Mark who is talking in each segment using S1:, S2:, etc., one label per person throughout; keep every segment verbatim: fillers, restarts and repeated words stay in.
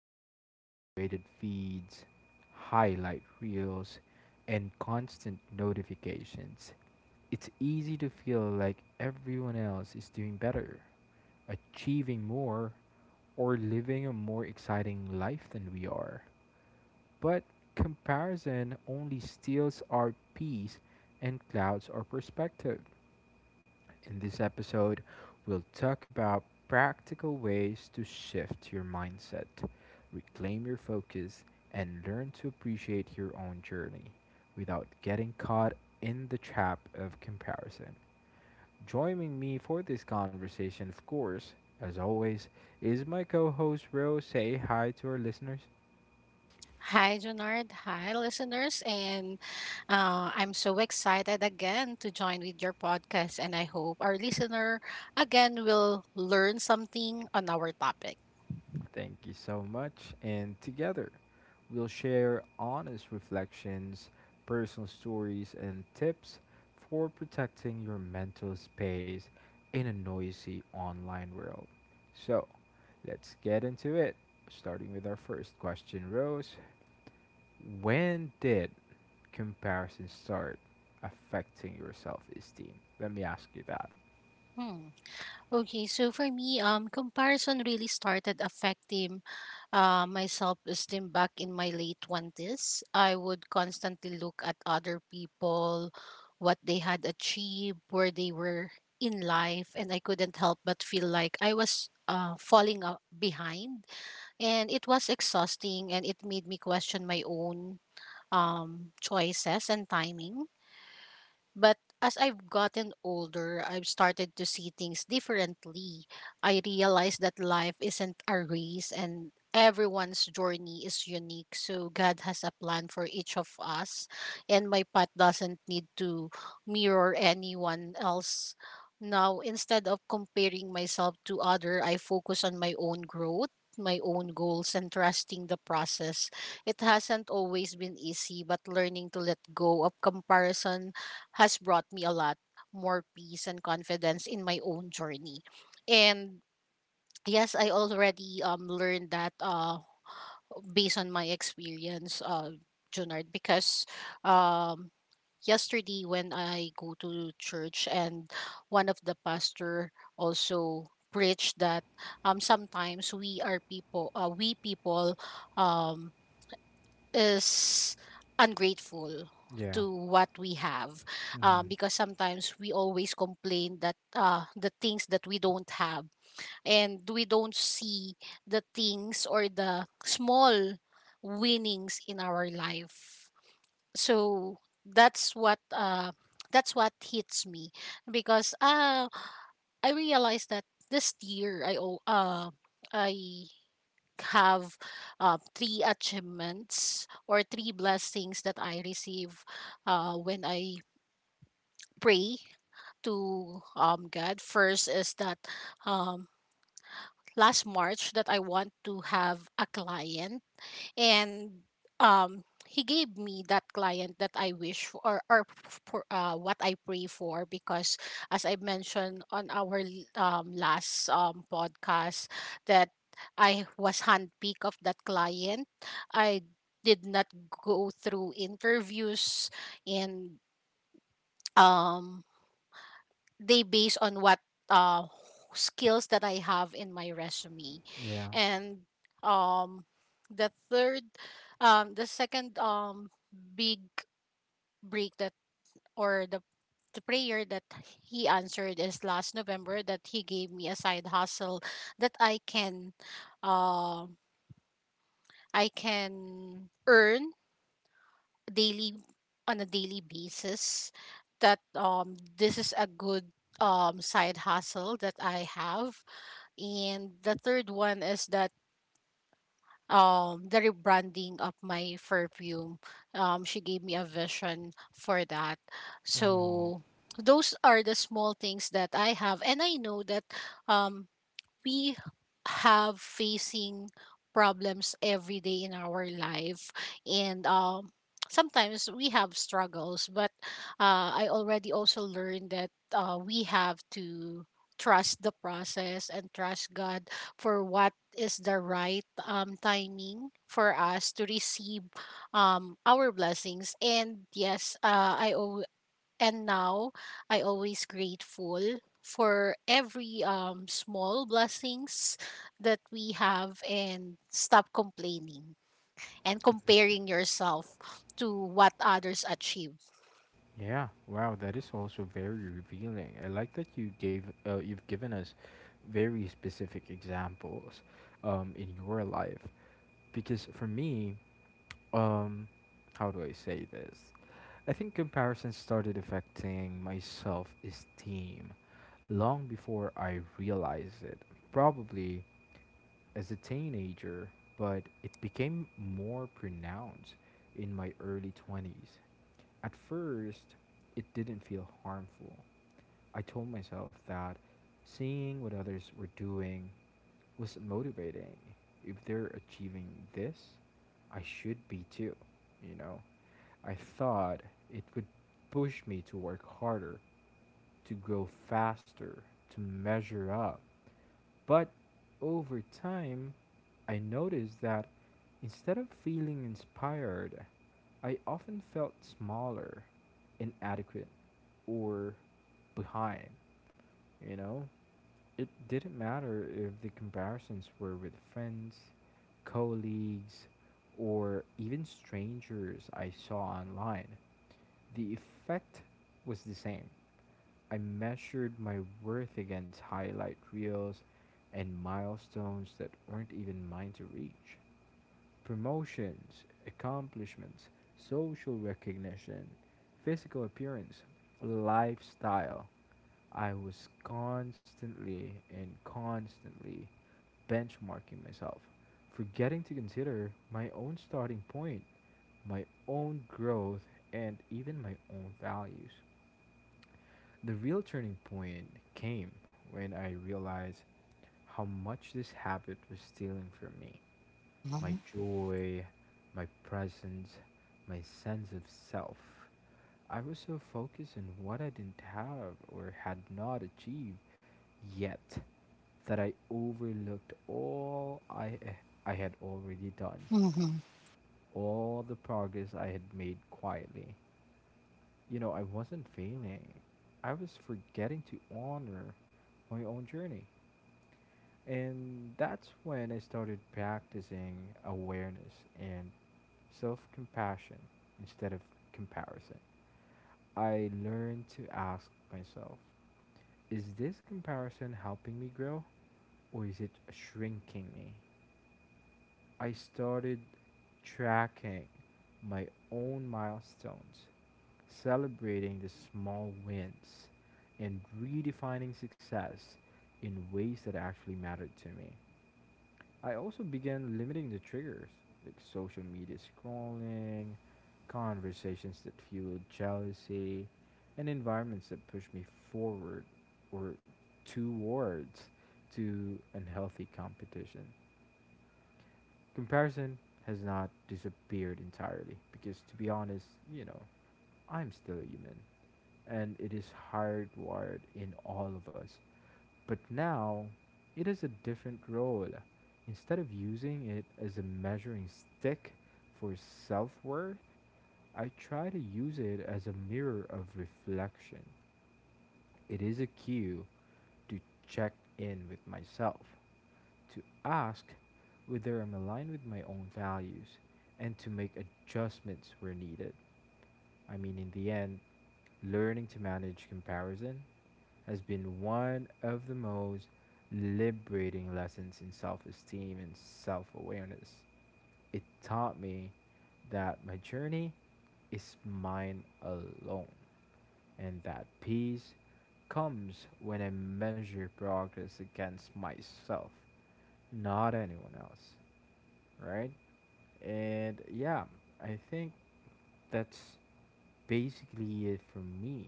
S1: full of curated feeds, highlight reels, and constant notifications, it's easy to feel like everyone else is doing better, achieving more, or living a more exciting life than we are. But comparison only steals our peace and clouds our perspective. In this episode, we'll talk about practical ways to shift your mindset, reclaim your focus, and learn to appreciate your own journey without getting caught in the trap of comparison. Joining me for this conversation, of course, as always, is my co host Ro. Say hi to our listeners.
S2: Hi, Junard. Hi, listeners. And uh, I'm so excited again to join with your podcast. And I hope our listener again will learn something on our topic.
S1: Thank you so much, and together we'll share honest reflections, personal stories, and tips for protecting your mental space in a noisy online world. So, let's get into it. Starting with our first question, Rose. When did comparison start affecting your self esteem? Let me ask you that.
S2: Hmm. Okay, so for me, um, comparison really started affecting uh, my self-esteem back in my late twenties. I would constantly look at other people, what they had achieved, where they were in life, and I couldn't help but feel like I was uh, falling uh, behind. And it was exhausting, and it made me question my own um, choices and timing. But as I've gotten older, I've started to see things differently. I realize that life isn't a race and everyone's journey is unique. So God has a plan for each of us, and my path doesn't need to mirror anyone else. Now, instead of comparing myself to other, I focus on my own growth, my own goals, and trusting the process. It hasn't always been easy, but learning to let go of comparison has brought me a lot more peace and confidence in my own journey. And yes, I already um, learned that, uh, based on my experience, uh, Junard, because um, yesterday when I go to church, and one of the pastor also preached that, um, sometimes we are people, uh, we people um, is ungrateful
S1: Yeah.
S2: to what we have, um,
S1: Mm-hmm.
S2: because sometimes we always complain that, uh, the things that we don't have, and we don't see the things or the small winnings in our life. So that's what uh, that's what hits me, because uh, I realized that this year i o- uh, I have uh, three achievements or three blessings that I receive uh, when I pray to um, God. First is that, um, last March that I want to have a client, and um, he gave me that client that I wish for, or, or f- for, uh, what I pray for, because as I mentioned on our l- um, last um, podcast, that I was handpicked of that client. I did not go through interviews, and um, they base on what uh skills that I have in my resume.
S1: Yeah.
S2: And um, the third um the second, um, big break that, or the the prayer that he answered, is last November that he gave me a side hustle that I can um, I can earn daily on a daily basis, that um, this is a good um, side hustle that I have. And the third one is that um, the rebranding of my perfume. Um, she gave me a vision for that.
S1: Mm-hmm.
S2: So those are the small things that I have, and I know that um, we have facing problems every day in our life, and um, sometimes we have struggles. But uh, I already also learned that uh, we have to trust the process and trust God for what is the right um, timing for us to receive um, our blessings. And yes, uh, I and now I always grateful for every um, small blessings that we have, and stop complaining and
S1: Amazing.
S2: comparing yourself to what others achieve.
S1: Yeah, wow, that is also very revealing. I like that you gave uh, you've given us very specific examples um, in your life because for me, um how do I say this? I think comparison started affecting my self esteem long before I realized it. Probably as a teenager, but it became more pronounced in my early twenties. At first, it didn't feel harmful. I told myself that seeing what others were doing was motivating. If they're achieving this, I should be too, you know? I thought it would push me to work harder, to grow faster, to measure up. But over time, I noticed that instead of feeling inspired, I often felt smaller, inadequate, or behind. You know, it didn't matter if the comparisons were with friends, colleagues, or even strangers I saw online. The effect was the same: I measured my worth against highlight reels and milestones that weren't even mine to reach. Promotions, accomplishments, social recognition, physical appearance, lifestyle. I was constantly and constantly benchmarking myself, forgetting to consider my own starting point, my own growth, and even my own values. The real turning point came when I realized how much this habit was stealing from me: my
S2: Mm-hmm.
S1: joy, my presence, my sense of self. I was so focused on what I didn't have or had not achieved yet that I overlooked all I, I had already done,
S2: Mm-hmm.
S1: all the progress I had made quietly. You know, I wasn't failing, I was forgetting to honor my own journey. And that's when I started practicing awareness and self compassion instead of comparison. I learned to ask myself, is this comparison helping me grow, or is it shrinking me? I started tracking my own milestones, celebrating the small wins, and redefining success in ways that actually mattered to me. I also began limiting the triggers, like social media scrolling, conversations that fueled jealousy, and environments that pushed me forward or towards to unhealthy competition. Comparison has not disappeared entirely because, to be honest, you know, I'm still a human and it is hardwired in all of us. But now it has a different role. Instead of using it as a measuring stick for self worth, I try to use it as a mirror of reflection. It is a cue to check in with myself, to ask whether I'm aligned with my own values and to make adjustments where needed. I mean, in the end, learning to manage comparison has been one of the most liberating lessons in self esteem and self awareness. It taught me that my journey is mine alone, and that peace comes when I measure progress against myself, not anyone else, right? And yeah, I think that's basically it for me.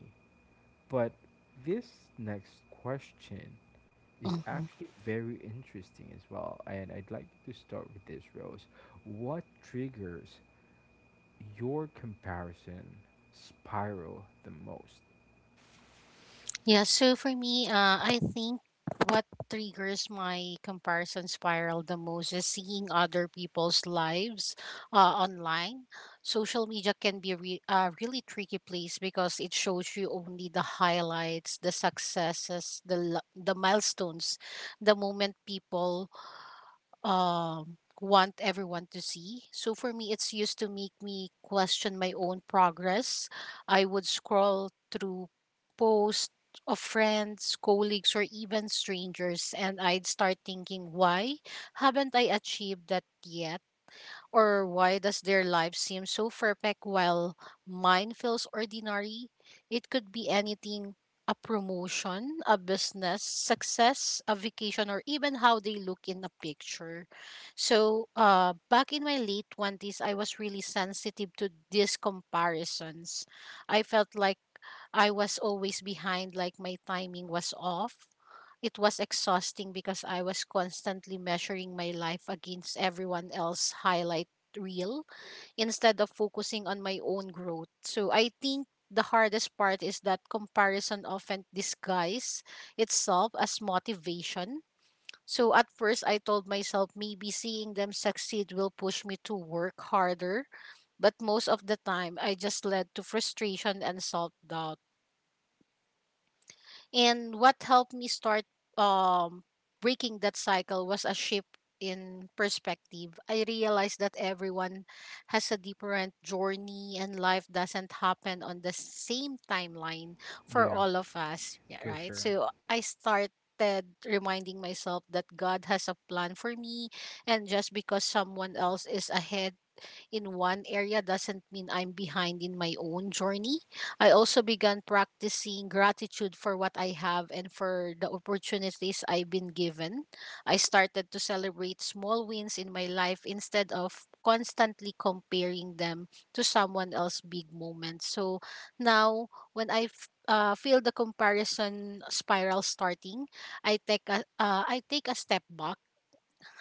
S1: But this next question is actually very interesting as well. And I'd like to start with this, Rose. What triggers your comparison spiral the most?
S2: Yeah, so for me, uh, I think what triggers my comparison spiral the most is seeing other people's lives uh, online. Social media can be a re- a really tricky place because it shows you only the highlights, the successes, the lo- the milestones, the moment people um, want everyone to see. So for me it's used to make me question my own progress. I would scroll through posts of friends, colleagues or even strangers, and I'd start thinking, why haven't I achieved that yet? Or why does their life seem so perfect while mine feels ordinary? It could be anything, a promotion, a business, success, a vacation, or even how they look in a picture. So, uh, back in my late twenties, I was really sensitive to these comparisons. I felt like I was always behind, like my timing was off. It was exhausting because I was constantly measuring my life against everyone else's highlight reel instead of focusing on my own growth. So I think the hardest part is that comparison often disguises itself as motivation. So at first I told myself, maybe seeing them succeed will push me to work harder, but most of the time I just led to frustration and self-doubt. And what helped me start um, breaking that cycle was a shift in perspective. I realized that everyone has a different journey, and life doesn't happen on the same timeline for
S1: Yeah,
S2: all of us, yeah,
S1: for
S2: right?
S1: sure.
S2: So I started reminding myself that God has a plan for me, and just because someone else is ahead in one area doesn't mean I'm behind in my own journey. I also began practicing gratitude for what I have and for the opportunities I've been given. I started to celebrate small wins in my life instead of constantly comparing them to someone else's big moments. So now, when I f- uh, feel the comparison spiral starting, I take a, uh, I take a step back.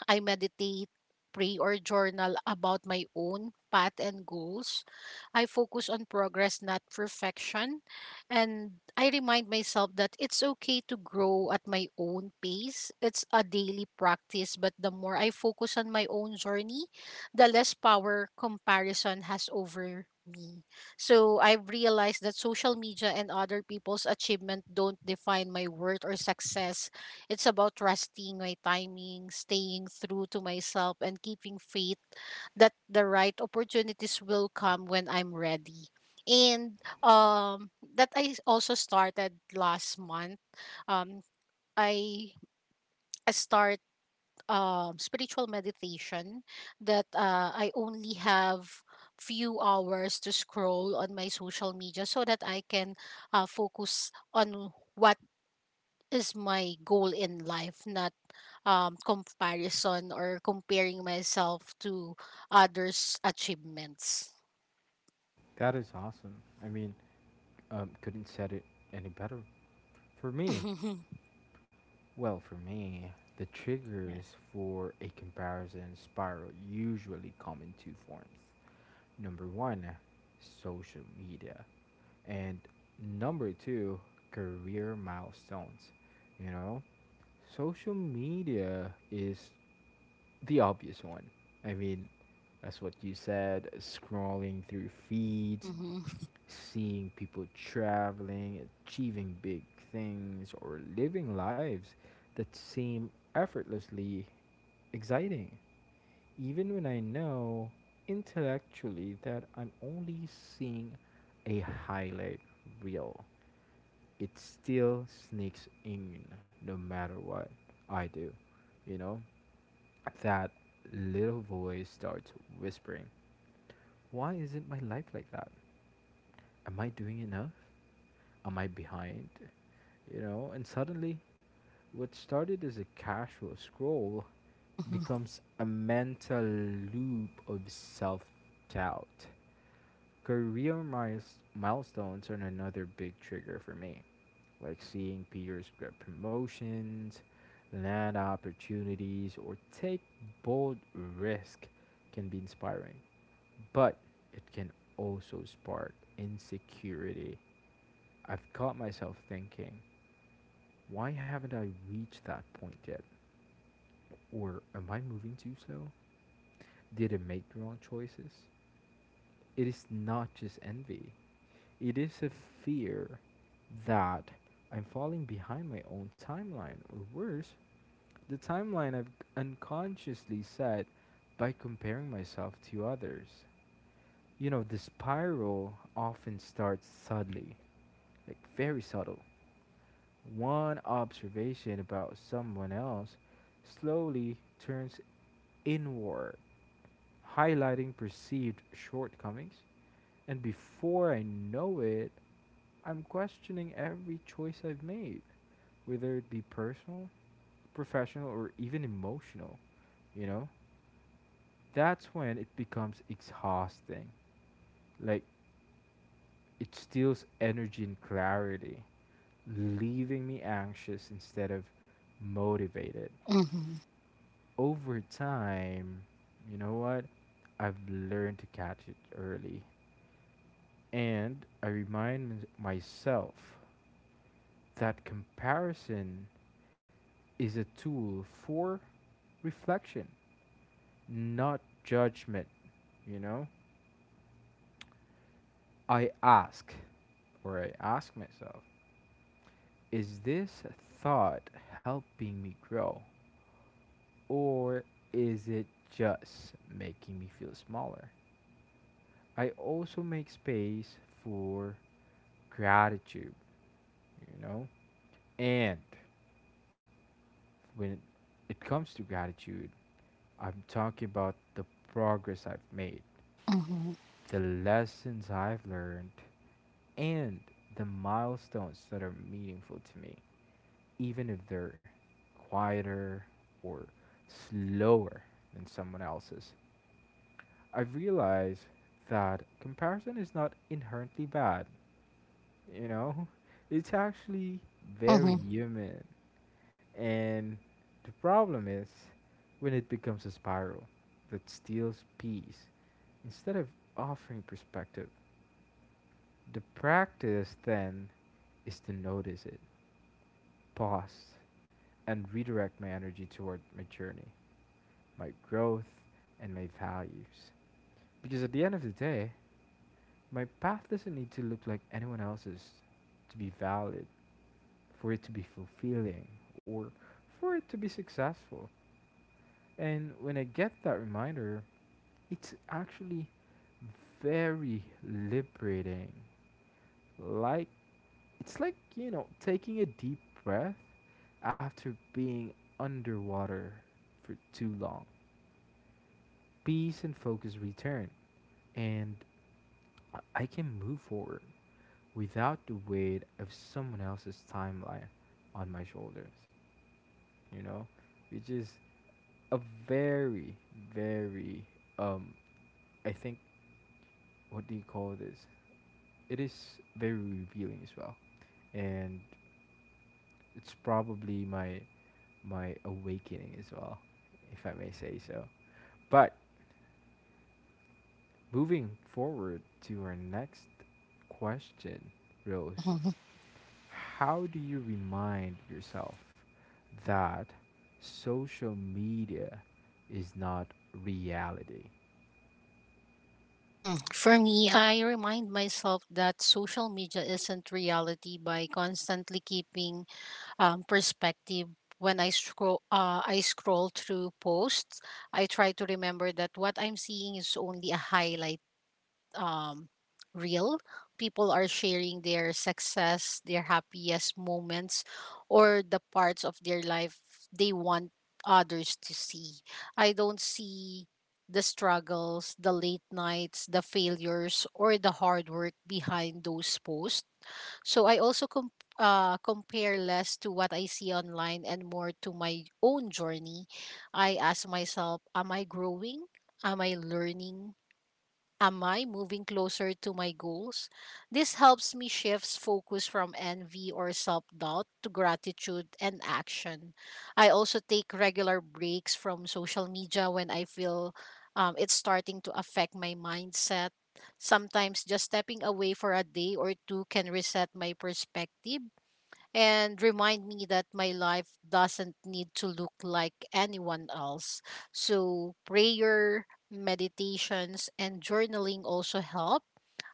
S2: I meditate, pray, or journal about my own path and goals. I focus on progress, not perfection. And I remind myself that it's okay to grow at my own pace. It's a daily practice, but the more I focus on my own journey, the less power comparison has over me. So I've realized that social media and other people's achievement don't define my worth or success. It's about trusting my timing, staying true to myself, and keeping faith that the right opportunities will come when I'm ready. And um, that I also started last month. Um, I I start um, spiritual meditation, that uh, I only have few hours to scroll on my social media so that I can uh, focus on what is my goal in life, not um, comparison or comparing myself to others' achievements.
S1: That is awesome. I mean, Um, couldn't said it any better. For me, well, for me, the triggers
S2: Yes.
S1: for a comparison spiral usually come in two forms. Number one, social media. And number two, career milestones. You know, social media is the obvious one. I mean, that's what you said: scrolling through feeds,
S2: Mm-hmm.
S1: seeing people traveling, achieving big things, or living lives that seem effortlessly exciting. Even when I know intellectually that I'm only seeing a highlight reel, it still sneaks in no matter what I do. You know, that little voice starts whispering, why isn't my life like that? Am I doing enough? Am I behind? You know, and suddenly what started as a casual scroll
S2: Mm-hmm.
S1: becomes a mental loop of self doubt. Career miles- milestones are another big trigger for me, like seeing peers get promotions, land opportunities, or take bold risk can be inspiring, but it can also spark insecurity. I've caught myself thinking, why haven't I reached that point yet? Or am I moving too slow? Did I make the wrong choices? It is not just envy. It is a fear that I'm falling behind my own timeline, or worse, the timeline I've unconsciously set by comparing myself to others. You know, the spiral often starts subtly, like very subtle. One observation about someone else slowly turns inward, highlighting perceived shortcomings, and before I know it, I'm questioning every choice I've made, whether it be personal, professional, or even emotional, you know? That's when it becomes exhausting. Like, it steals energy and clarity, leaving me anxious instead of motivated.
S2: Mm-hmm.
S1: Over time, you know what? I've learned to catch it early. And I remind mys- myself that comparison is a tool for reflection, not judgment, you know? I ask, or I ask myself, is this thought helping me grow? Or is it just making me feel smaller? I also make space for gratitude, you know? And when it comes to gratitude, I'm talking about the progress I've made,
S2: Mm-hmm.
S1: the lessons I've learned, and the milestones that are meaningful to me, even if they're quieter or slower than someone else's. I've realized that comparison is not inherently bad. You know it's actually very
S2: Mm-hmm.
S1: human, and the problem is when it becomes a spiral that steals peace instead of offering perspective. The practice then is to notice it, pause, and redirect my energy toward my journey, my growth, and my values. Because at the end of the day, my path doesn't need to look like anyone else's to be valid, for it to be fulfilling, or for it to be successful. And when I get that reminder, it's actually very liberating. Like it's like, you know, taking a deep breath after being underwater for too long. Peace and focus return, and I I can move forward without the weight of someone else's timeline on my shoulders, you know, which is a very, very, um, I think, what do you call this? It is very revealing as well, and it's probably my my awakening as well, if I may say so. But moving forward to our next question, Rose.
S2: Mm-hmm.
S1: How do you remind yourself that social media is not reality?
S2: Mm. For me, I remind myself that social media isn't reality by constantly keeping um, perspective. When I scroll, uh, I scroll through posts. I try to remember that what I'm seeing is only a highlight um, real. People are sharing their success, their happiest moments, or the parts of their life they want others to see. I don't see the struggles, the late nights, the failures, or the hard work behind those posts. So I also com- uh, compare less to what I see online and more to my own journey. I ask myself, am I growing? Am I learning? Am I moving closer to my goals? This helps me shift focus from envy or self doubt to gratitude and action. I also take regular breaks from social media when I feel um, it's starting to affect my mindset. Sometimes just stepping away for a day or two can reset my perspective and remind me that my life doesn't need to look like anyone else. So, prayer, meditations, and journaling also help.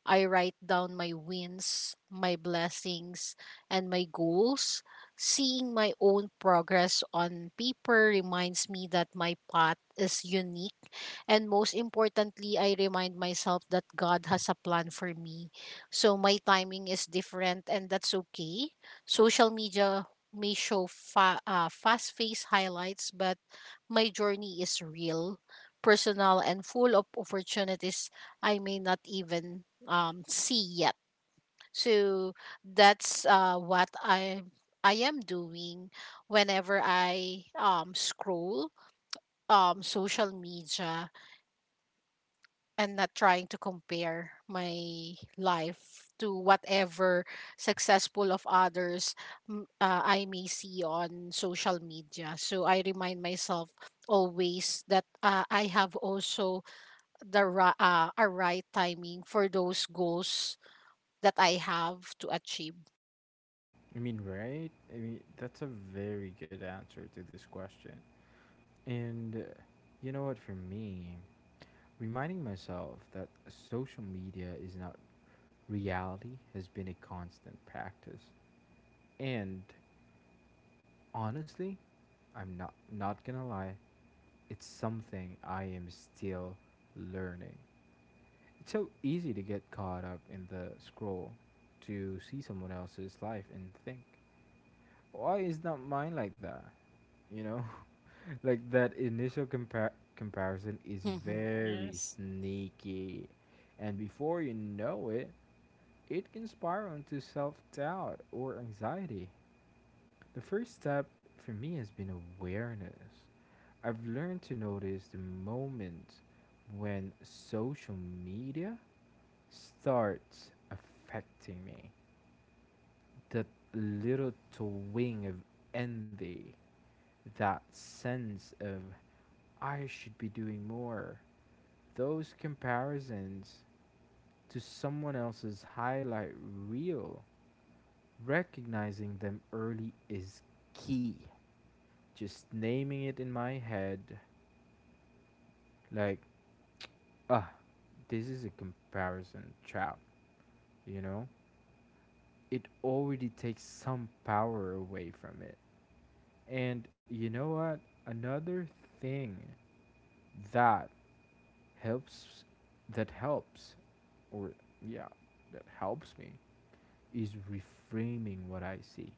S2: I write down my wins, my blessings, and my goals. Seeing my own progress on paper reminds me that my path is unique, and most importantly, I remind myself that God has a plan for me. So my timing is different, and that's okay. Social media may show fa- uh, fast face highlights, but my journey is real, personal, and full of opportunities I may not even um, see yet. So that's uh, what I I am doing whenever I um, scroll um, social media, and not trying to compare my life to whatever successful of others m- uh, I may see on social media. So I remind myself always that uh, I have also the ra- uh, a right timing for those goals that I have to achieve.
S1: I mean, right? I mean, that's a very good answer to this question. And uh, you know what, for me, reminding myself that social media is not reality has been a constant practice. And honestly, I'm not not gonna lie. It's something I am still learning. It's so easy to get caught up in the scroll, to see someone else's life and think, why is not mine like that? You know, like that initial compar- comparison is
S2: Mm-hmm.
S1: very
S2: Yes.
S1: sneaky, and before you know it, it can spiral into self doubt or anxiety. The first step for me has been awareness. I've learned to notice the moment when social media starts affecting me. That little twinge of envy, that sense of I should be doing more. Those comparisons to someone else's highlight reel, recognizing them early is key. Just naming it in my head, like, ah, this is a comparison trap. You know it already takes some power away from it. And you know what, another thing that helps that helps or yeah that helps me is reframing what I see.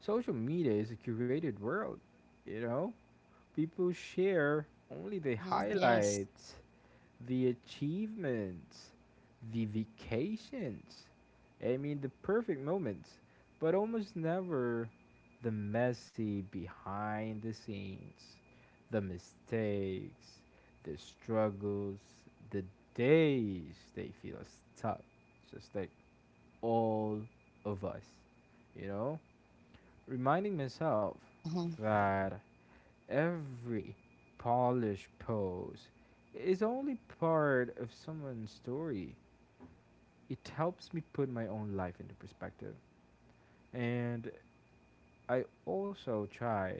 S1: Social media is a curated world. You know, people share only the
S2: Mm-hmm. Yes.
S1: highlights, the achievements, the vacations. I mean, the perfect moments, but almost never the messy behind the scenes, the mistakes, the struggles, the days they feel stuck, just like all of us, you know? Reminding myself
S2: Mm-hmm.
S1: that every polished pose is only part of someone's story. It helps me put my own life into perspective. And I also try,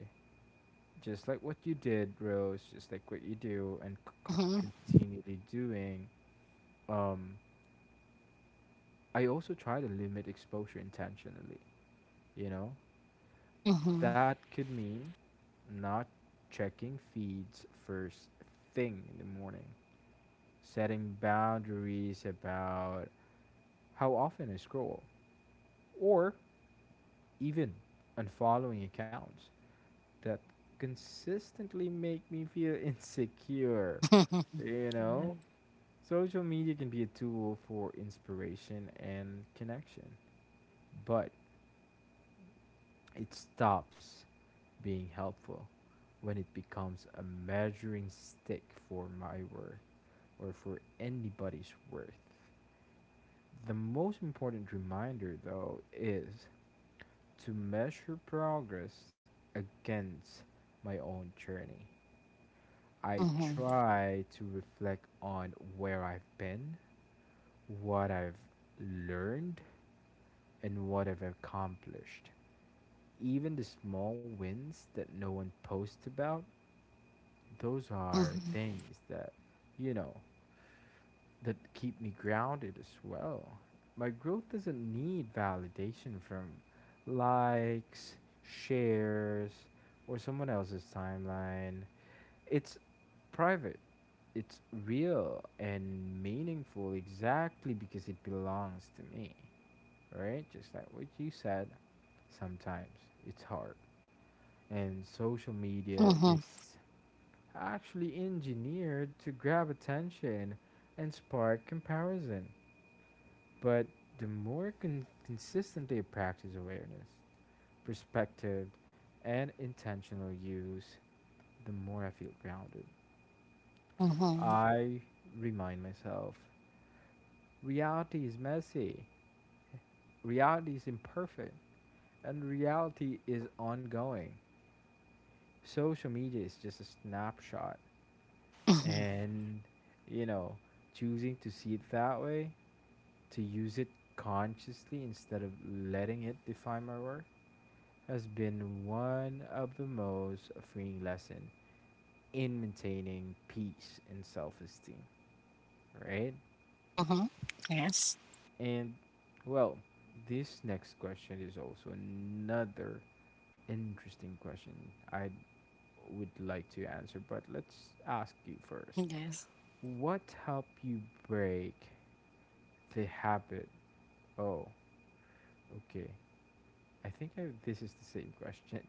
S1: just like what you did, Rose, just like what you do and c- con-
S2: Mm-hmm.
S1: continually doing, um, I also try to limit exposure intentionally. You know,
S2: Mm-hmm.
S1: that could mean not checking feeds first thing in the morning, setting boundaries about how often I scroll, or even unfollowing accounts that consistently make me feel insecure.
S2: Mm-hmm.
S1: You
S2: Yeah.
S1: know, social media can be a tool for inspiration and connection, but it stops being helpful when it becomes a measuring stick for my worth or for anybody's worth. The most important reminder, though, is to measure progress against my own journey. I
S2: Mm-hmm.
S1: try to reflect on where I've been, what I've learned, and what I've accomplished. Even the small wins that no one posts about, those are things that, you know, that keep me grounded as well. My growth doesn't need validation from likes, shares, or someone else's timeline. It's private, it's real and meaningful exactly because it belongs to me, right? Just like what you said, sometimes it's hard. And social media
S2: Mm-hmm.
S1: is actually engineered to grab attention and spark comparison. But the more con- consistent they practice awareness, perspective, and intentional use, the more I feel grounded.
S2: Mm-hmm.
S1: I remind myself reality is messy, reality is imperfect, and reality is ongoing. Social media is just a snapshot,
S2: Mm-hmm.
S1: and you know choosing to see it that way, to use it consciously instead of letting it define my worth, has been one of the most freeing lesson in maintaining peace and self-esteem, right?
S2: Mm-hmm. Yes.
S1: And, well, this next question is also another interesting question I would like to answer, but let's ask you first.
S2: Yes.
S1: What helped you break the habit? Oh, okay. I think I, this is the same question.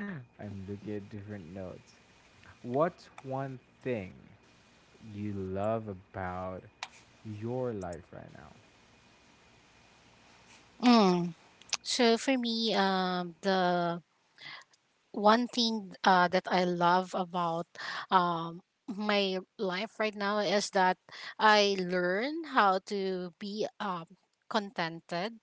S1: I'm looking at different notes. What's one thing you love about your life right now?
S2: Mm. So for me, um, the one thing uh, that I love about um, my life right now is that I learn how to be um, contented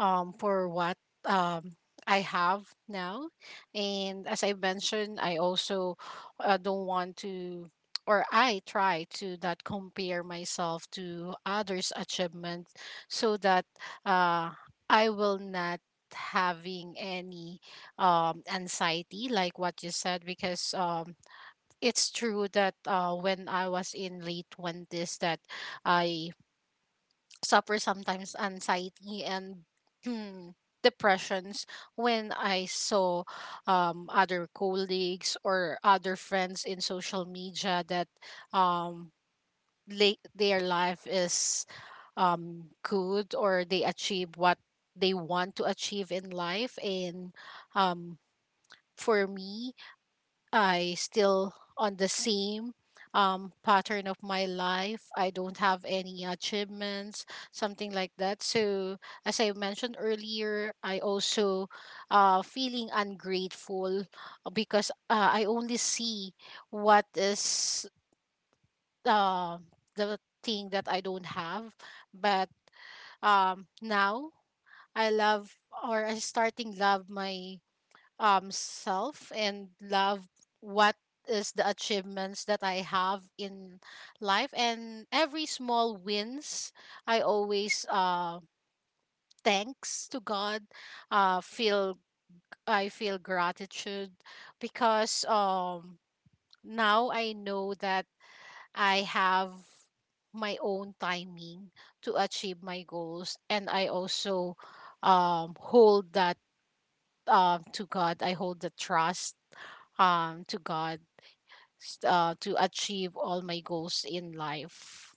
S2: um, for what um, I have now. And as I mentioned, I also uh, don't want to, or I try to not compare myself to others' achievements, so that uh, I will not having any um, anxiety like what you said, because um, it's true that uh, when I was in late twenties that I suffer sometimes anxiety and hmm, depressions when I saw um, other colleagues or other friends in social media, that um, late, their life is um, good, or they achieve what they want to achieve in life. And um, for me, I still on the same um, pattern of my life. I don't have any achievements, something like that. So, as I mentioned earlier, I also uh, feeling ungrateful uh, because uh, I only see what is uh, the thing that I don't have. But um, now I love or I starting love my um self and love what is the achievements that I have in life and every small wins I always uh thanks to God uh feel I feel gratitude because um now I know that I have my own timing to achieve my goals and I also um hold that um to God. I hold the trust um to God s- uh, to achieve all my goals in life.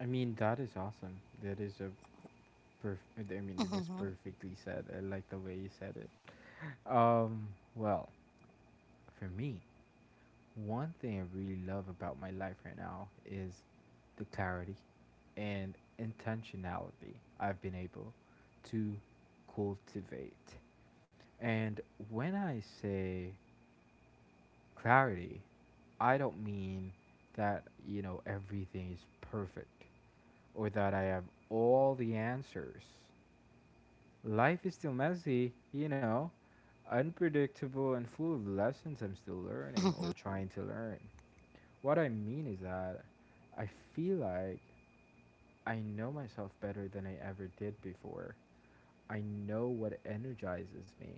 S1: I mean, that is awesome. That is a perfect. I mean, it was
S2: Mhm.
S1: perfectly said. I like the way you said it. Um, well, for me, one thing I really love about my life right now is the clarity and intentionality I've been able to cultivate. And when I say clarity, I don't mean that, you know, everything is perfect or that I have all the answers. Life is still messy, you know, unpredictable and full of lessons I'm still learning or
S2: Mhm.
S1: trying to learn. What I mean is that I feel like I know myself better than I ever did before. I know what energizes me,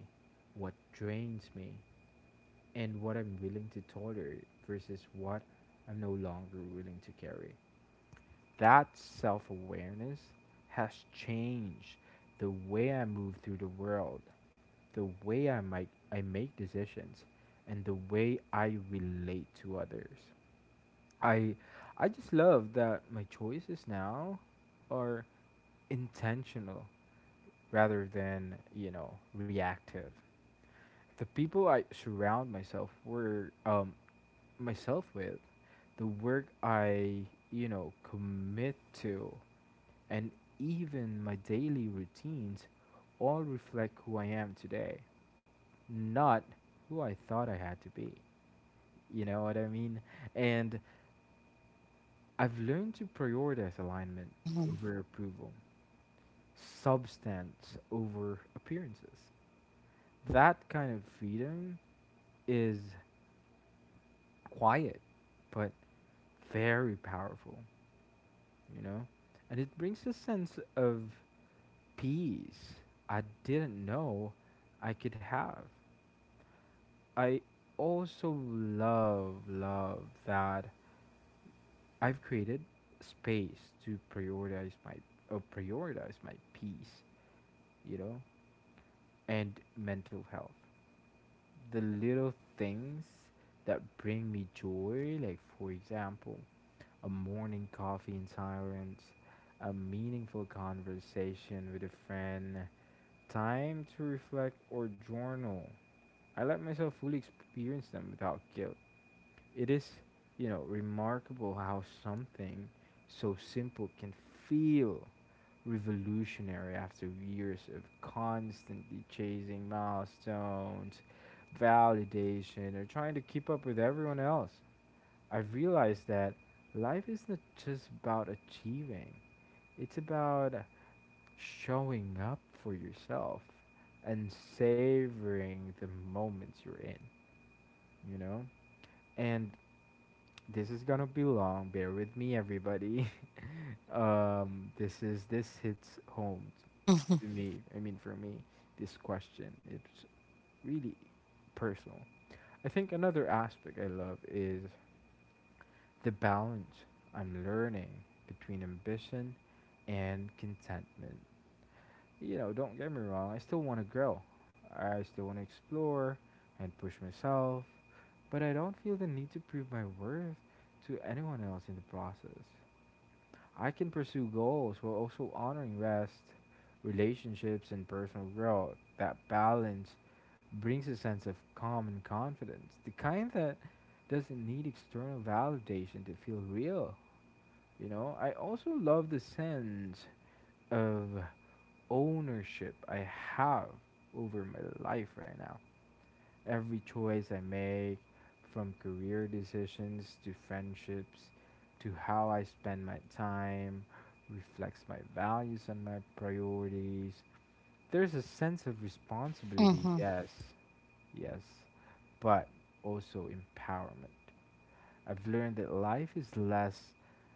S1: what drains me, and what I'm willing to tolerate versus what I'm no longer willing to carry. That self awareness has changed the way I move through the world, the way I make, I make decisions, and the way I relate to others. I I just love that my choices now are intentional rather than, you know, reactive. The people I surround myself were um myself with, the work I, you know, commit to, and even my daily routines all reflect who I am today, not who I thought I had to be. You know what I mean? And I've learned to prioritize alignment
S2: Mhm.
S1: over approval, substance over appearances. That kind of freedom is quiet but very powerful, you know? And it brings a sense of peace I didn't know I could have. I also love, love that I've created space to prioritize my or prioritize my peace, you know, and mental health. The little things that bring me joy, like for example, a morning coffee in silence, a meaningful conversation with a friend, time to reflect or journal. I let myself fully experience them without guilt. It is, you know, remarkable how something so simple can feel revolutionary after years of constantly chasing milestones, validation, or trying to keep up with everyone else. I've realized that life is not just about achieving, it's about showing up for yourself and savoring the moments you're in, you know? And this is gonna be long. Bear with me, everybody. Um, this is this hits home
S2: Mhm.
S1: to me. I mean, for me, this question it's really personal. I think another aspect I love is the balance I'm learning between ambition and contentment. You know, don't get me wrong. I still want to grow. I still want to explore and push myself, but I don't feel the need to prove my worth to anyone else in the process. I can pursue goals while also honoring rest, relationships, and personal growth. That balance brings a sense of calm and confidence, the kind that doesn't need external validation to feel real. You know, I also love the sense of ownership I have over my life right now. Every choice I make, from career decisions to friendships to how I spend my time, reflects my values and my priorities. There's a sense of responsibility,
S2: Mhm.
S1: yes, yes, but also empowerment. I've learned that life is less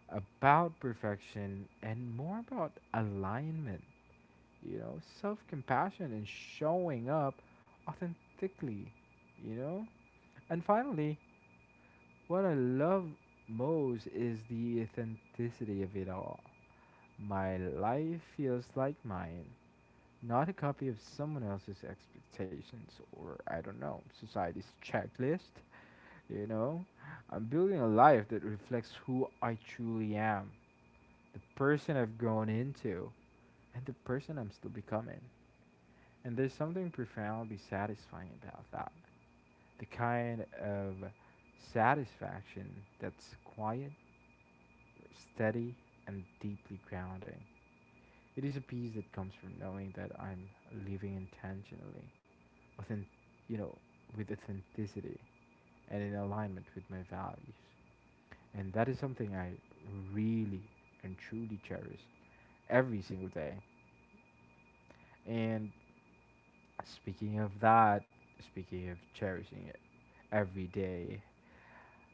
S1: about perfection and more about alignment, you know, self compassion and showing up authentically, you know? And finally, what I love most is the authenticity of it all. My life feels like mine, not a copy of someone else's expectations or, I don't know, society's checklist. You know, I'm building a life that reflects who I truly am, the person I've grown into, and the person I'm still becoming. And there's something profoundly satisfying about that. The kind of satisfaction that's quiet, steady, and deeply grounding. It is a peace that comes from knowing that I'm living intentionally, within, you know, with authenticity and in alignment with my values. And that is something I really and truly cherish every single day. And speaking of that, speaking of cherishing it every day,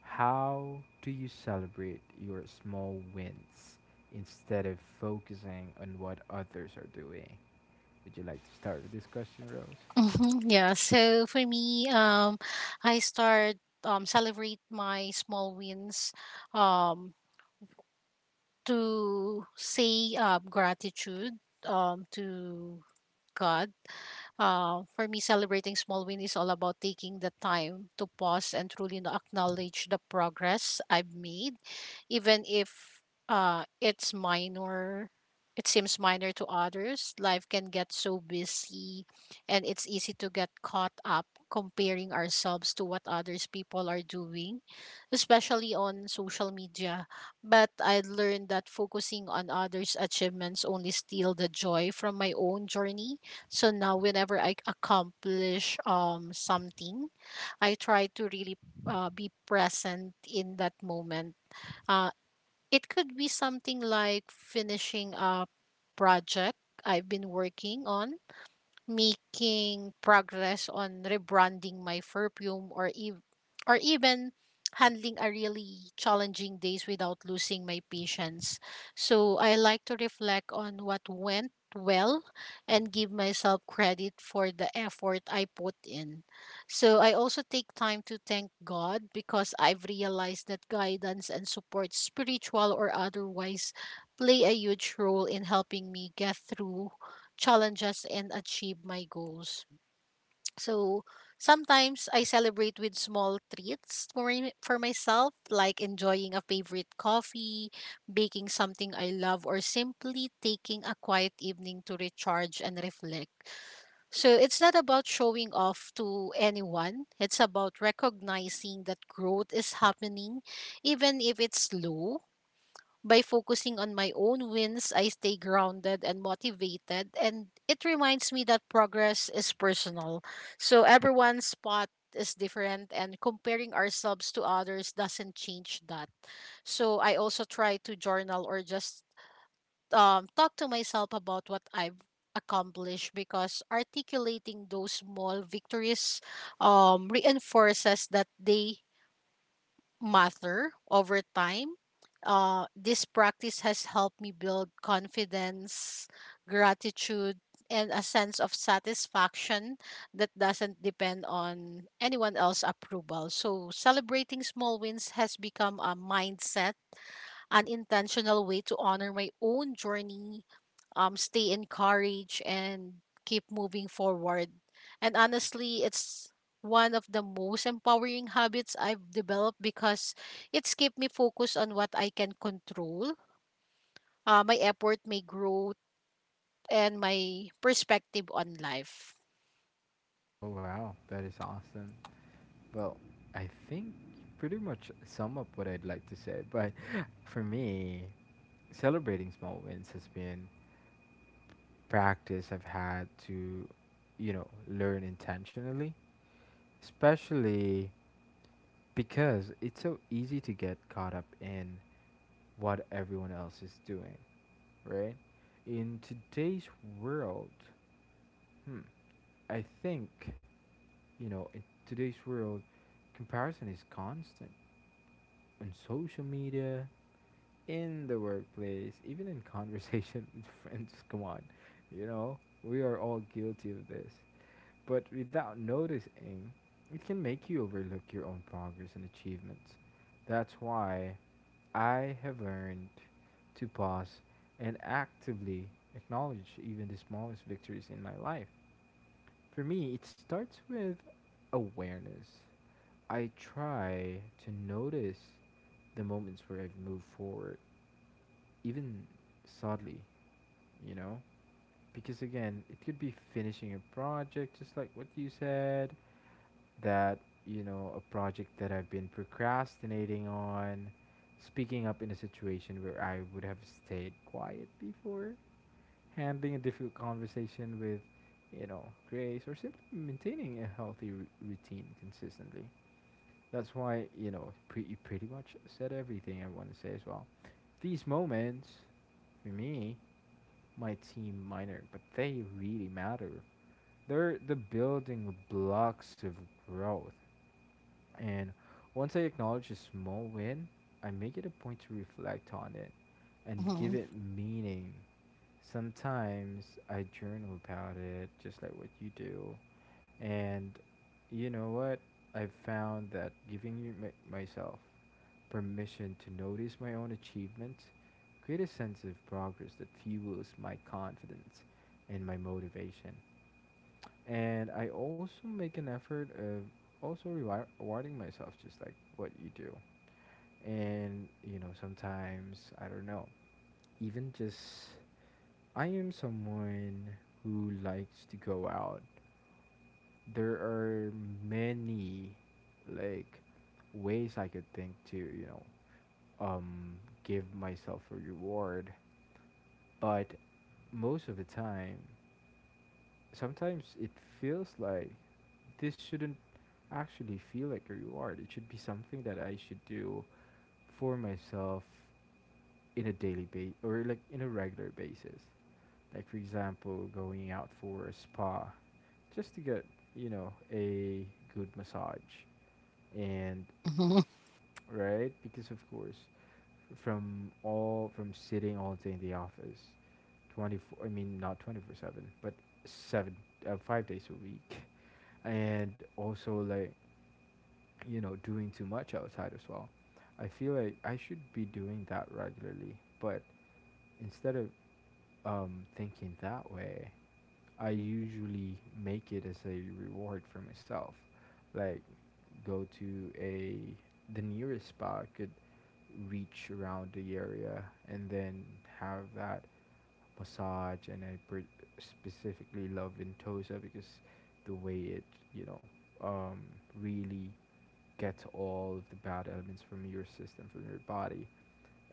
S1: how do you celebrate your small wins instead of focusing on what others are doing? Would you like to start with this question, Rose?
S2: Mhm. Yeah, so for me, um, I start um, celebrate my small wins, um, to say uh, gratitude um, to God uh, For me, celebrating small win is all about taking the time to pause and truly no- acknowledge the progress I've made, even if uh, it's minor. It seems minor to others. Life can get so busy, and it's easy to get caught up comparing ourselves to what others people are doing, especially on social media. But I learned that focusing on others' achievements only steal the joy from my own journey. So now whenever I accomplish um something, I try to really uh, be present in that moment. Uh, it could be something like finishing a project I've been working on, making progress on rebranding my perfume, or ev- or even handling a really challenging days without losing my patience. So I like to reflect on what went well and give myself credit for the effort I put in. So I also take time to thank God because I've realized that guidance and support spiritual or otherwise play a huge role in helping me get through challenges and achieve my goals. So sometimes I celebrate with small treats for, my- for myself, like enjoying a favorite coffee, baking something I love, or simply taking a quiet evening to recharge and reflect. So it's not about showing off to anyone, it's about recognizing that growth is happening, even if it's slow. By focusing on my own wins, I stay grounded and motivated, and it reminds me that progress is personal. So everyone's spot is different, and comparing ourselves to others doesn't change that. So I also try to journal or just um, talk to myself about what I've accomplished because articulating those small victories um, reinforces that they matter over time. Uh, this practice has helped me build confidence, gratitude, and a sense of satisfaction that doesn't depend on anyone else's approval. So, celebrating small wins has become a mindset, an intentional way to honor my own journey, um, stay encouraged and keep moving forward. And honestly, it's one of the most empowering habits I've developed because it's kept me focused on what I can control, uh, my effort, my growth, and my perspective on life.
S1: Oh, wow. That is awesome. Well, I think you pretty much sum up what I'd like to say. But for me, celebrating small wins has been practice I've had to, you know, learn intentionally. Especially because it's so easy to get caught up in what everyone else is doing, right? In today's world, hmm, I think, you know, in today's world, comparison is constant on social media, in the workplace, even in conversation with friends. Come on, you know, we are all guilty of this but without noticing, it can make you overlook your own progress and achievements. That's why I have learned to pause and actively acknowledge even the smallest victories in my life. For me, it starts with awareness. I try to notice the moments where I've moved forward even subtly, you know? Because again, it could be finishing a project, just like what you said, that, you know, a project that I've been procrastinating on, speaking up in a situation where I would have stayed quiet before, handling a difficult conversation with, you know, grace, or simply maintaining a healthy r- routine consistently. That's why, you know, pre- you pretty much said everything I want to say as well. These moments, for me, might seem minor, but they really matter. They're the building blocks of growth. And once I acknowledge a small win, I make it a point to reflect on it and
S2: Mm-hmm.
S1: give it meaning. Sometimes I journal about it, just like what you do. And you know what? I've found that giving you my, myself permission to notice my own achievements create a sense of progress that fuels my confidence and my motivation, and I also make an effort of also rewi- rewarding myself, just like what you do. And you know, sometimes I don't know, even just I am someone who likes to go out. There are many, like, ways I could think to, you know, um give myself a reward, but most of the time, sometimes it feels like this shouldn't actually feel like a reward. It should be something that I should do for myself in a daily base or like in a regular basis. Like for example, going out for a spa just to get, you know, a good massage and
S2: Mm-hmm.
S1: right? Because of course, from all from sitting all day in the office, twenty four. I mean, not twenty four seven, but seven, uh, five days a week, and also like you know doing too much outside as well. I feel like I should be doing that regularly, but instead of um, thinking that way, I usually make it as a reward for myself. Like go to a the nearest spa I could reach around the area and then have that massage and I per- specifically love Ventosa because the way it, you know, um really gets all of the bad elements from your system, from your body.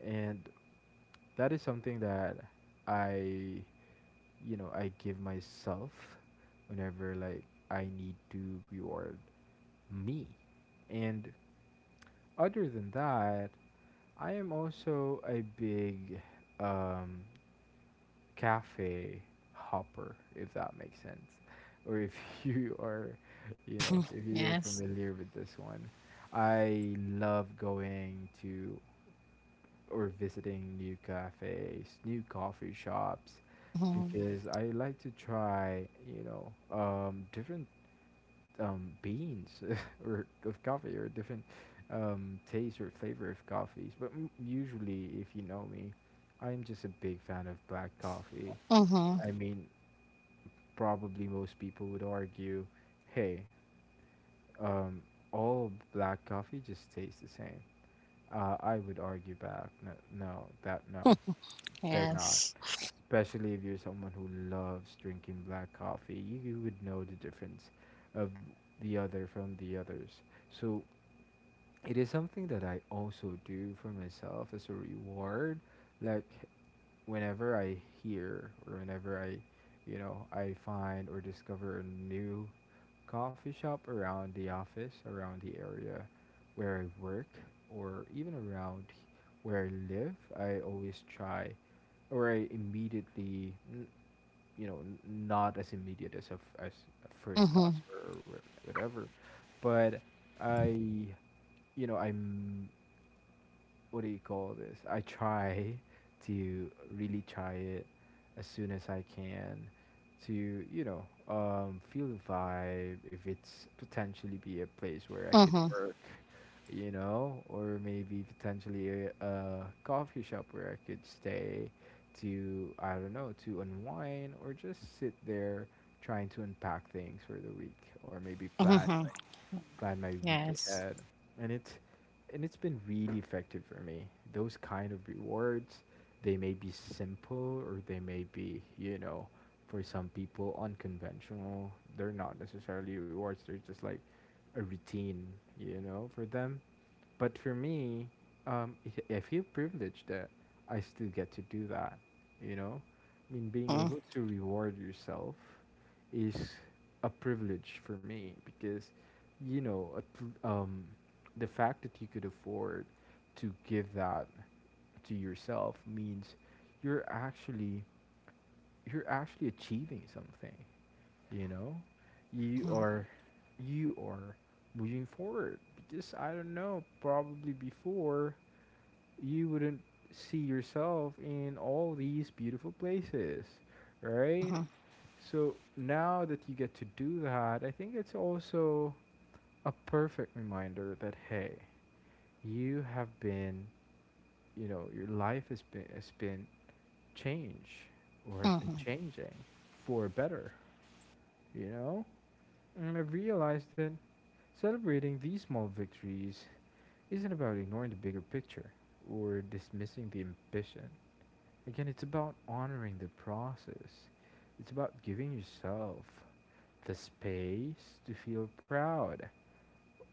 S1: And that is something that I you know I give myself whenever like I need to reward me. And other than that, I am also a big um, cafe hopper, if that makes sense, or if you are, you know,
S2: Mm-hmm.
S1: if you are
S2: Yes.
S1: familiar with this one. I love going to or visiting new cafes, new coffee shops,
S2: Mm-hmm.
S1: because I like to try, you know, um, different um, beans or of coffee or different um, taste or flavor of coffees. But m- usually, if you know me, I'm just a big fan of black coffee.
S2: Mm-hmm.
S1: I mean, probably most people would argue, hey, um, all black coffee just tastes the same. Uh, I would argue back, no, no, that no. They're not.
S2: Yes.
S1: Especially if you're someone who loves drinking black coffee, you, you would know the difference of the other from the others. So it is something that I also do for myself as a reward. Like whenever I hear or whenever I, you know, I find or discover a new coffee shop around the office, around the area where I work, or even around where I live, I always try or I immediately, n- you know, n- not as immediate as a, f- as a first
S2: Mm-hmm.
S1: customer or wha- whatever, but I, you know, I'm what do you call this? I try to really try it as soon as I can to, you know, um, feel the vibe if it's potentially be a place where I could
S2: Mm-hmm.
S1: work, you know, or maybe potentially a, a coffee shop where I could stay to I don't know to unwind or just sit there trying to unpack things for the week or maybe plan
S2: Mm-hmm.
S1: my, plan my week
S2: Yes.
S1: ahead. And it's and it's been really effective for me. Those kind of rewards, they may be simple or they may be, you know, for some people unconventional. They're not necessarily rewards, they're just like a routine, you know, for them. But for me, um, i- I feel privileged that I still get to do that. You know, I mean, being
S2: Mm-hmm.
S1: able to reward yourself is a privilege for me because, you know, at l- um, the fact that you could afford to give that to yourself means you're actually you're actually achieving something. You know, you
S2: Mm-hmm.
S1: are you are moving forward because I don't know, probably before you wouldn't see yourself in all these beautiful places, right?
S2: Mm-hmm.
S1: So now that you get to do that, I think it's also a perfect reminder that hey, you have been, you know, your life has been has been changed or has been
S2: Mm-hmm.
S1: changing for better, you know? And I've realized that celebrating these small victories isn't about ignoring the bigger picture or dismissing the ambition. Again, it's about honoring the process. It's about giving yourself the space to feel proud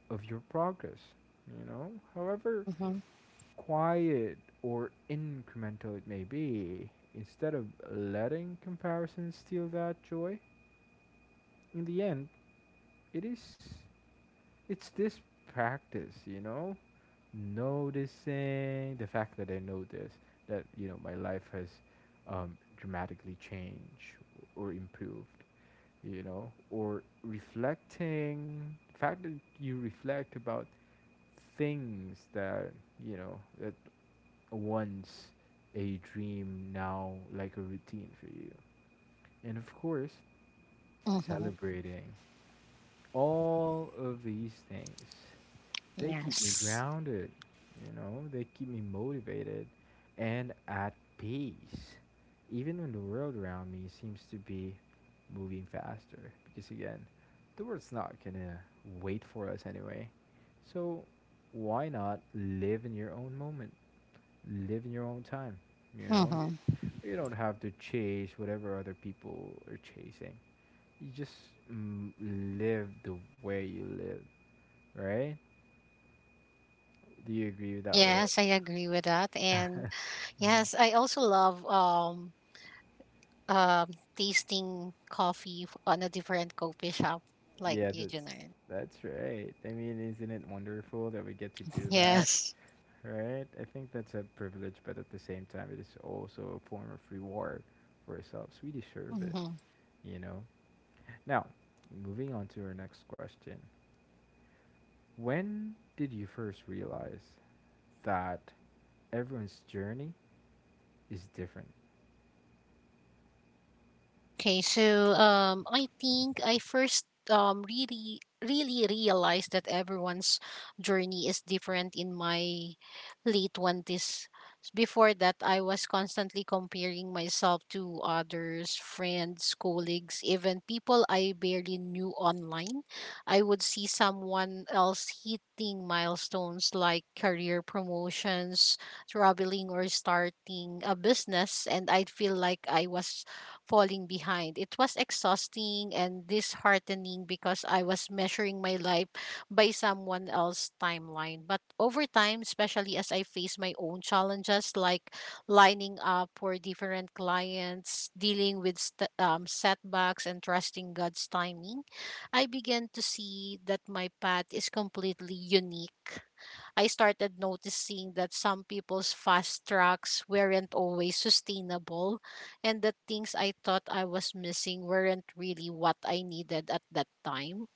S1: of your progress, you know? However
S2: Mm-hmm.
S1: quiet or incremental it may be, instead of letting comparison steal that joy, in the end, it is it's this practice, you know, noticing the fact that I noticed that you know my life has um, dramatically changed or improved, you know, or reflecting the fact that you reflect about things that you know that once a dream now like a routine for you. And of course,
S2: Mm-hmm.
S1: celebrating all of these things, they keep me
S2: Yes.
S1: grounded, you know, they keep me motivated and at peace even when the world around me seems to be moving faster. Because again, the world's not gonna wait for us anyway. So why not live in your own moment, live in your own time, you know you
S2: Mm-hmm.
S1: you don't have to chase whatever other people are chasing. You just mm, live the way you live, right? Do you agree with that, Ro?
S2: Yes, I agree with that. And
S1: Mhm.
S2: yes, I also love um um tasting coffee f- on a different coffee shop like
S1: Yeah,
S2: you,
S1: that's
S2: Junard.
S1: that's right. I mean, isn't it wonderful that we get to do that,
S2: Yes.
S1: right? I think that's a privilege, but at the same time, it is also a form of reward for ourselves. We deserve it,
S2: Mm-hmm.
S1: you know. Now, moving on to our next question. When did you first realize that everyone's journey is different?
S2: Okay, so um, I think I first um really really realized that everyone's journey is different in my late twenties. Before that, I was constantly comparing myself to others, friends, colleagues, even people I barely knew online. I would see someone else hitting milestones like career promotions, traveling, or starting a business, and I'd feel like I was falling behind. It was exhausting and disheartening because I was measuring my life by someone else's timeline. But over time, especially as I faced my own challenges like lining up for different clients, dealing with st- um, setbacks, and trusting God's timing, I began to see that my path is completely unique. I started noticing that some people's fast tracks weren't always sustainable and the things I thought I was missing weren't really what I needed at that time.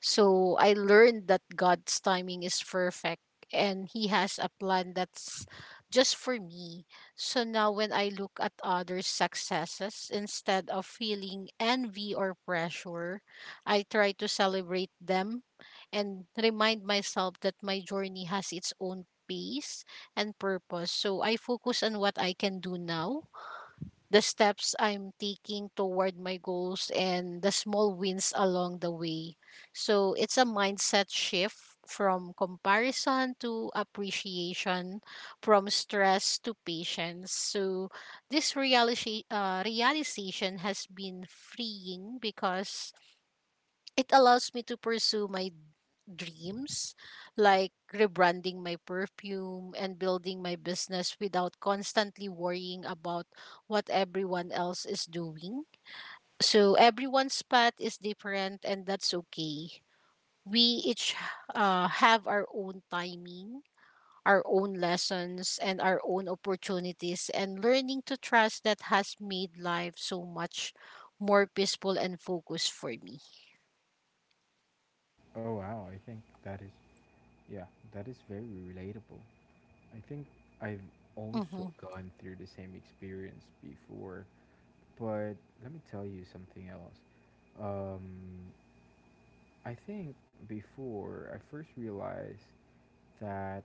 S2: So I learned that God's timing is perfect and He has a plan that's just for me. So now when I look at others' successes, instead of feeling envy or pressure, I try to celebrate them and remind myself that my journey has its own pace and purpose. So I focus on what I can do now, the steps I'm taking toward my goals and the small wins along the way. So it's a mindset shift from comparison to appreciation, from stress to patience. So this realization, uh, realization has been freeing because it allows me to pursue my dreams, like rebranding my perfume and building my business without constantly worrying about what everyone else is doing. So everyone's path is different, and that's okay. We each uh, have our own timing, our own lessons, and our own opportunities, and learning to trust that has made life so much more peaceful and focused for me.
S1: Oh wow, I think that is, yeah, that is very relatable. I think I've also
S2: Mm-hmm.
S1: gone through the same experience before, but let me tell you something else. Um I think before I first realized that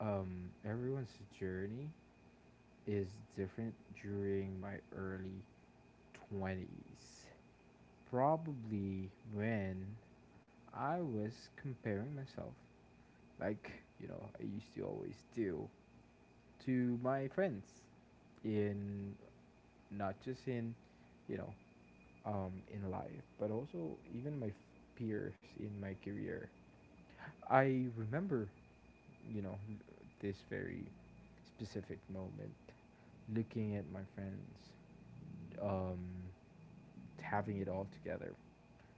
S1: um, everyone's journey is different during my early twenties. Probably when I was comparing myself, like, you know, I used to always do, to my friends in not just in, you know, um, in life, but also even my f- peers in my career. I remember, you know, this very specific moment, looking at my friends, um, having it all together,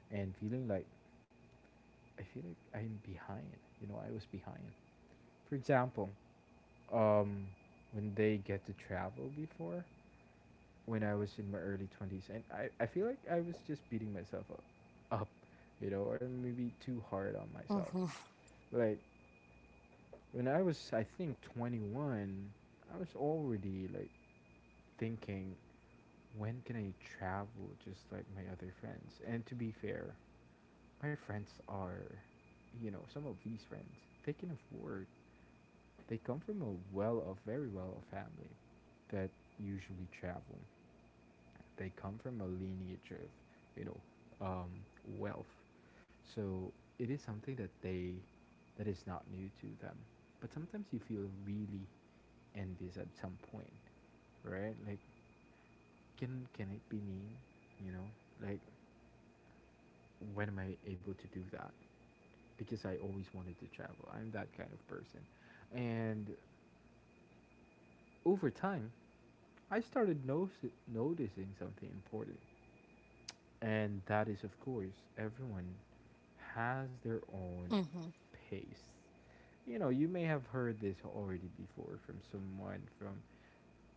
S1: and feeling like I feel like I'm behind. You know, I was behind. For example, um, when they get to travel before, when I was in my early twenties, and I, I feel like I was just beating myself up, up, you know, or maybe too hard on myself.
S2: Mm-hmm.
S1: Like when I was, I think twenty one, I was already like thinking when can I travel just like my other friends? And to be fair, my friends are, you know, some of these friends, they can afford, they come from a well off, very well off family that usually travel. They come from a lineage of, you know, um, wealth. So it is something that they, that is not new to them. But sometimes you feel really envious at some point, right? Like, can can it be me? You know, like when am I able to do that? Because I always wanted to travel. I'm that kind of person. And over time, I started noci- noticing something important. And that is, of course, everyone has their own
S2: Mm-hmm.
S1: pace. You know, you may have heard this already before from someone, from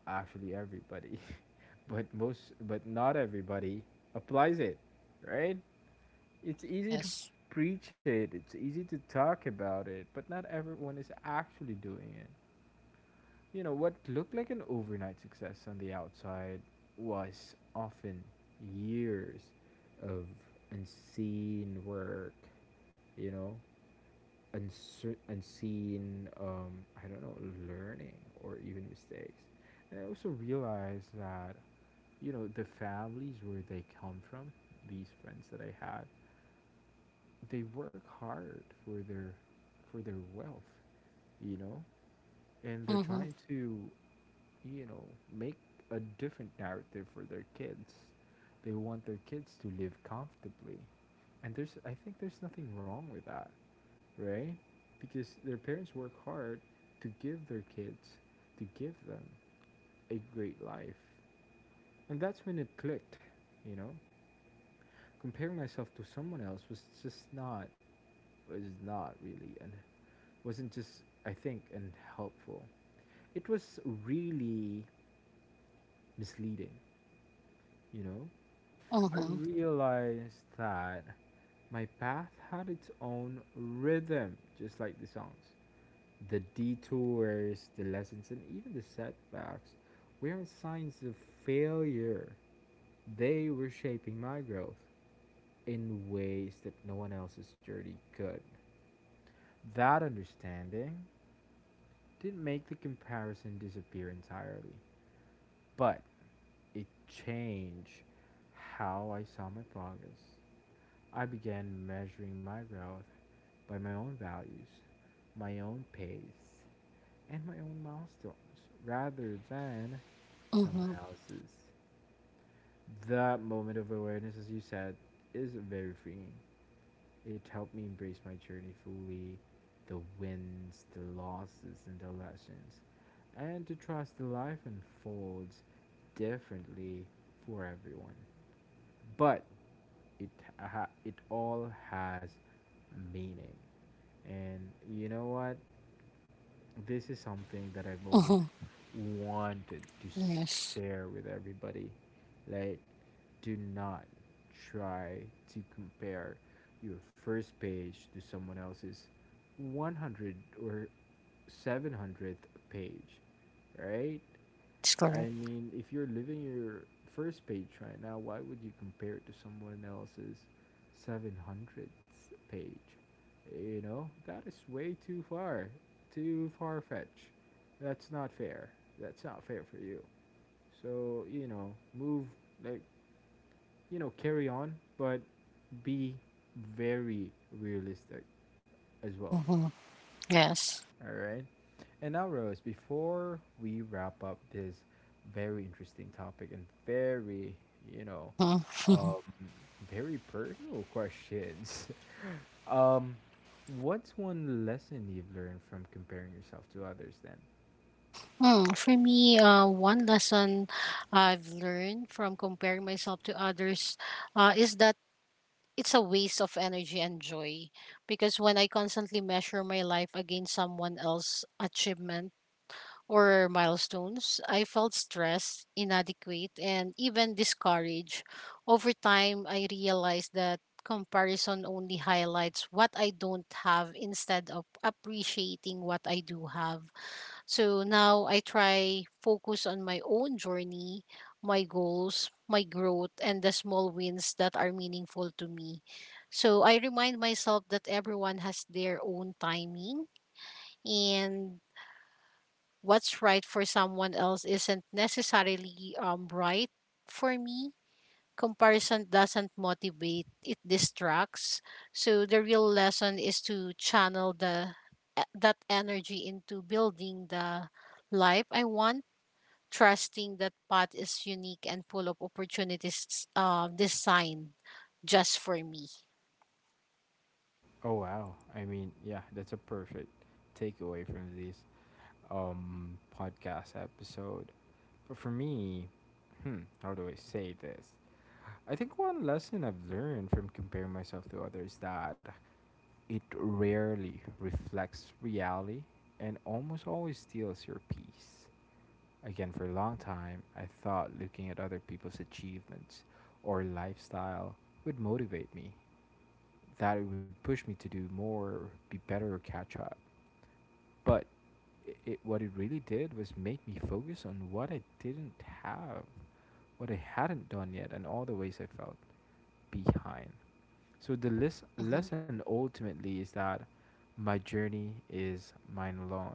S1: actually everybody, but most, but not everybody applies it, right? It's easy to
S2: Yes.
S1: preach it, it's easy to talk about it, but not everyone is actually doing it. You know, what looked like an overnight success on the outside was often years of unseen work, you know, uncer- unseen, um, I don't know, learning or even mistakes. And I also realized that, you know, the families where they come from, these friends that I had, they work hard for their for their wealth, you know, and they're
S2: Mm-hmm.
S1: trying to, you know, make a different narrative for their kids. They want their kids to live comfortably. And there's, I think there's nothing wrong with that, right? Because their parents work hard to give their kids, to give them a great life. And that's when it clicked, you know. Comparing myself to someone else was just not, was not really an, wasn't just, I think, and helpful. It was really misleading, you know? I
S2: Mm-hmm.
S1: realized that my path had its own rhythm, just like the songs. The detours, the lessons, and even the setbacks weren't signs of failure. They were shaping my growth in ways that no one else's journey could. That understanding didn't make the comparison disappear entirely, but it changed how I saw my progress. I began measuring my growth by my own values, my own pace, and my own milestones rather than someone
S2: Mhm.
S1: else's. That moment of awareness, as you said, is very freeing. It helped me embrace my journey fully, the wins, the losses, and the lessons, and to trust that life unfolds differently for everyone. But it ha- it all has meaning. And you know what, this is something that I've always
S2: Mhm.
S1: wanted to
S2: Yes.
S1: share with everybody. Like, do not try to compare your first page to someone else's one hundred or seven hundredth page, right?
S2: That's
S1: I
S2: correct.
S1: mean, if you're living your first page right now, why would you compare it to someone else's seven hundredth page? You know, that is way too far, too far fetched. That's not fair. That's not fair for you. So, you know, move, like, you know, carry on, but be very realistic as well.
S2: Mhm. Yes.
S1: All right. And now, Rose, before we wrap up this very interesting topic and very, you know,
S2: Mhm.
S1: um, very personal questions, um, what's one lesson you've learned from comparing yourself to others then?
S2: Mm, for me, uh, one lesson I've learned from comparing myself to others uh, is that it's a waste of energy and joy. Because when I constantly measure my life against someone else's achievement, or milestones, I felt stressed, inadequate, and even discouraged. Over time, I realized that comparison only highlights what I don't have instead of appreciating what I do have. So now I try focus on my own journey, my goals, my growth, and the small wins that are meaningful to me. So I remind myself that everyone has their own timing and what's right for someone else isn't necessarily, um, right for me. Comparison doesn't motivate, it distracts. So the real lesson is to channel the e- that energy into building the life I want, trusting that path is unique and full of opportunities, um, designed just for me.
S1: Oh wow. I mean, yeah, that's a perfect takeaway from this, um, podcast episode. But for me, hmm, how do I say this? I think one lesson I've learned from comparing myself to others is that it rarely reflects reality and almost always steals your peace. Again, for a long time, I thought looking at other people's achievements or lifestyle would motivate me, that it would push me to do more, be better, or catch up. But it, it, what it really did was make me focus on what I didn't have, what I hadn't done yet, and all the ways I felt behind. So the les-
S2: Mm-hmm.
S1: lesson ultimately is that my journey is mine alone.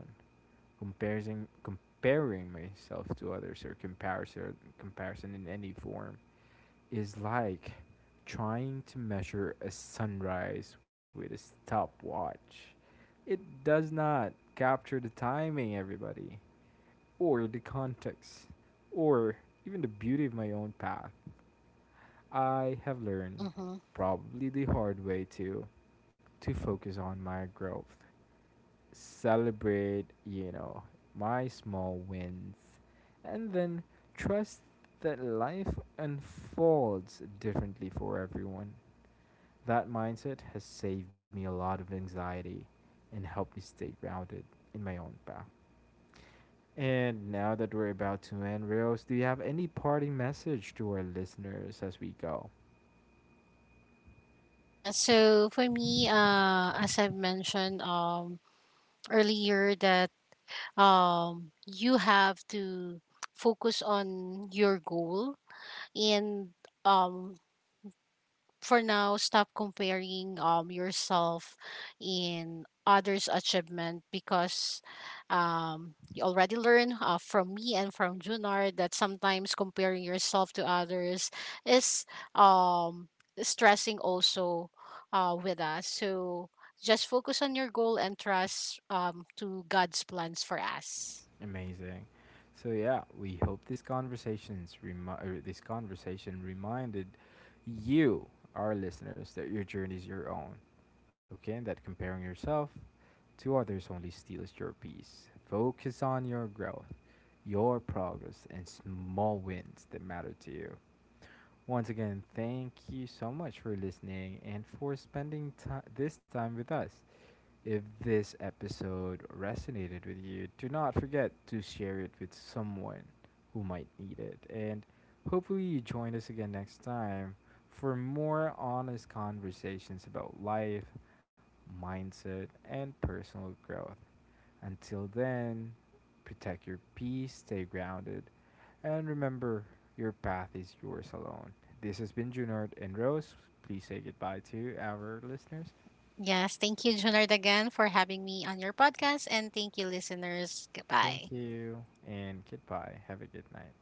S1: Comparing comparing myself to others, or comparison comparison in any form, is like trying to measure a sunrise with a stopwatch. It does not capture the timing, everybody, or the context, or even the beauty of my own path. I have learned,
S2: Mm-hmm.
S1: probably the hard way too, to focus on my growth, celebrate, you know, my small wins, and then trust that life unfolds differently for everyone. That mindset has saved me a lot of anxiety and helped me stay grounded in my own path. And now that we're about to end, Rios, do you have any parting message to our listeners as we go?
S2: Yeah, so for me, uh, as I've mentioned um, earlier, that um you have to focus on your goal and, um for now, stop comparing um yourself in others achievement because um you already learned uh, from me and from Junar that sometimes comparing yourself to others is um stressing also uh with us. So just focus on your goal and trust um to God's plans for us.
S1: Amazing. So yeah, we hope this conversations remi- er, this conversation reminded you, our listeners, that your journey is your own. Okay, and that comparing yourself to others only steals your peace. Focus on your growth, your progress, and small wins that matter to you. Once again, thank you so much for listening and for spending ti- this time with us. If this episode resonated with you, do not forget to share it with someone who might need it. And hopefully, you join us again next time for more honest conversations about life, mindset, and personal growth. Until then, protect your peace, stay grounded, and remember your path is yours alone. This has been Junard and Rose. Please say goodbye to our listeners.
S2: Yes, thank you, Junard, again for having me on your podcast. And thank you, listeners. Goodbye.
S1: Thank you and goodbye. Have a good night.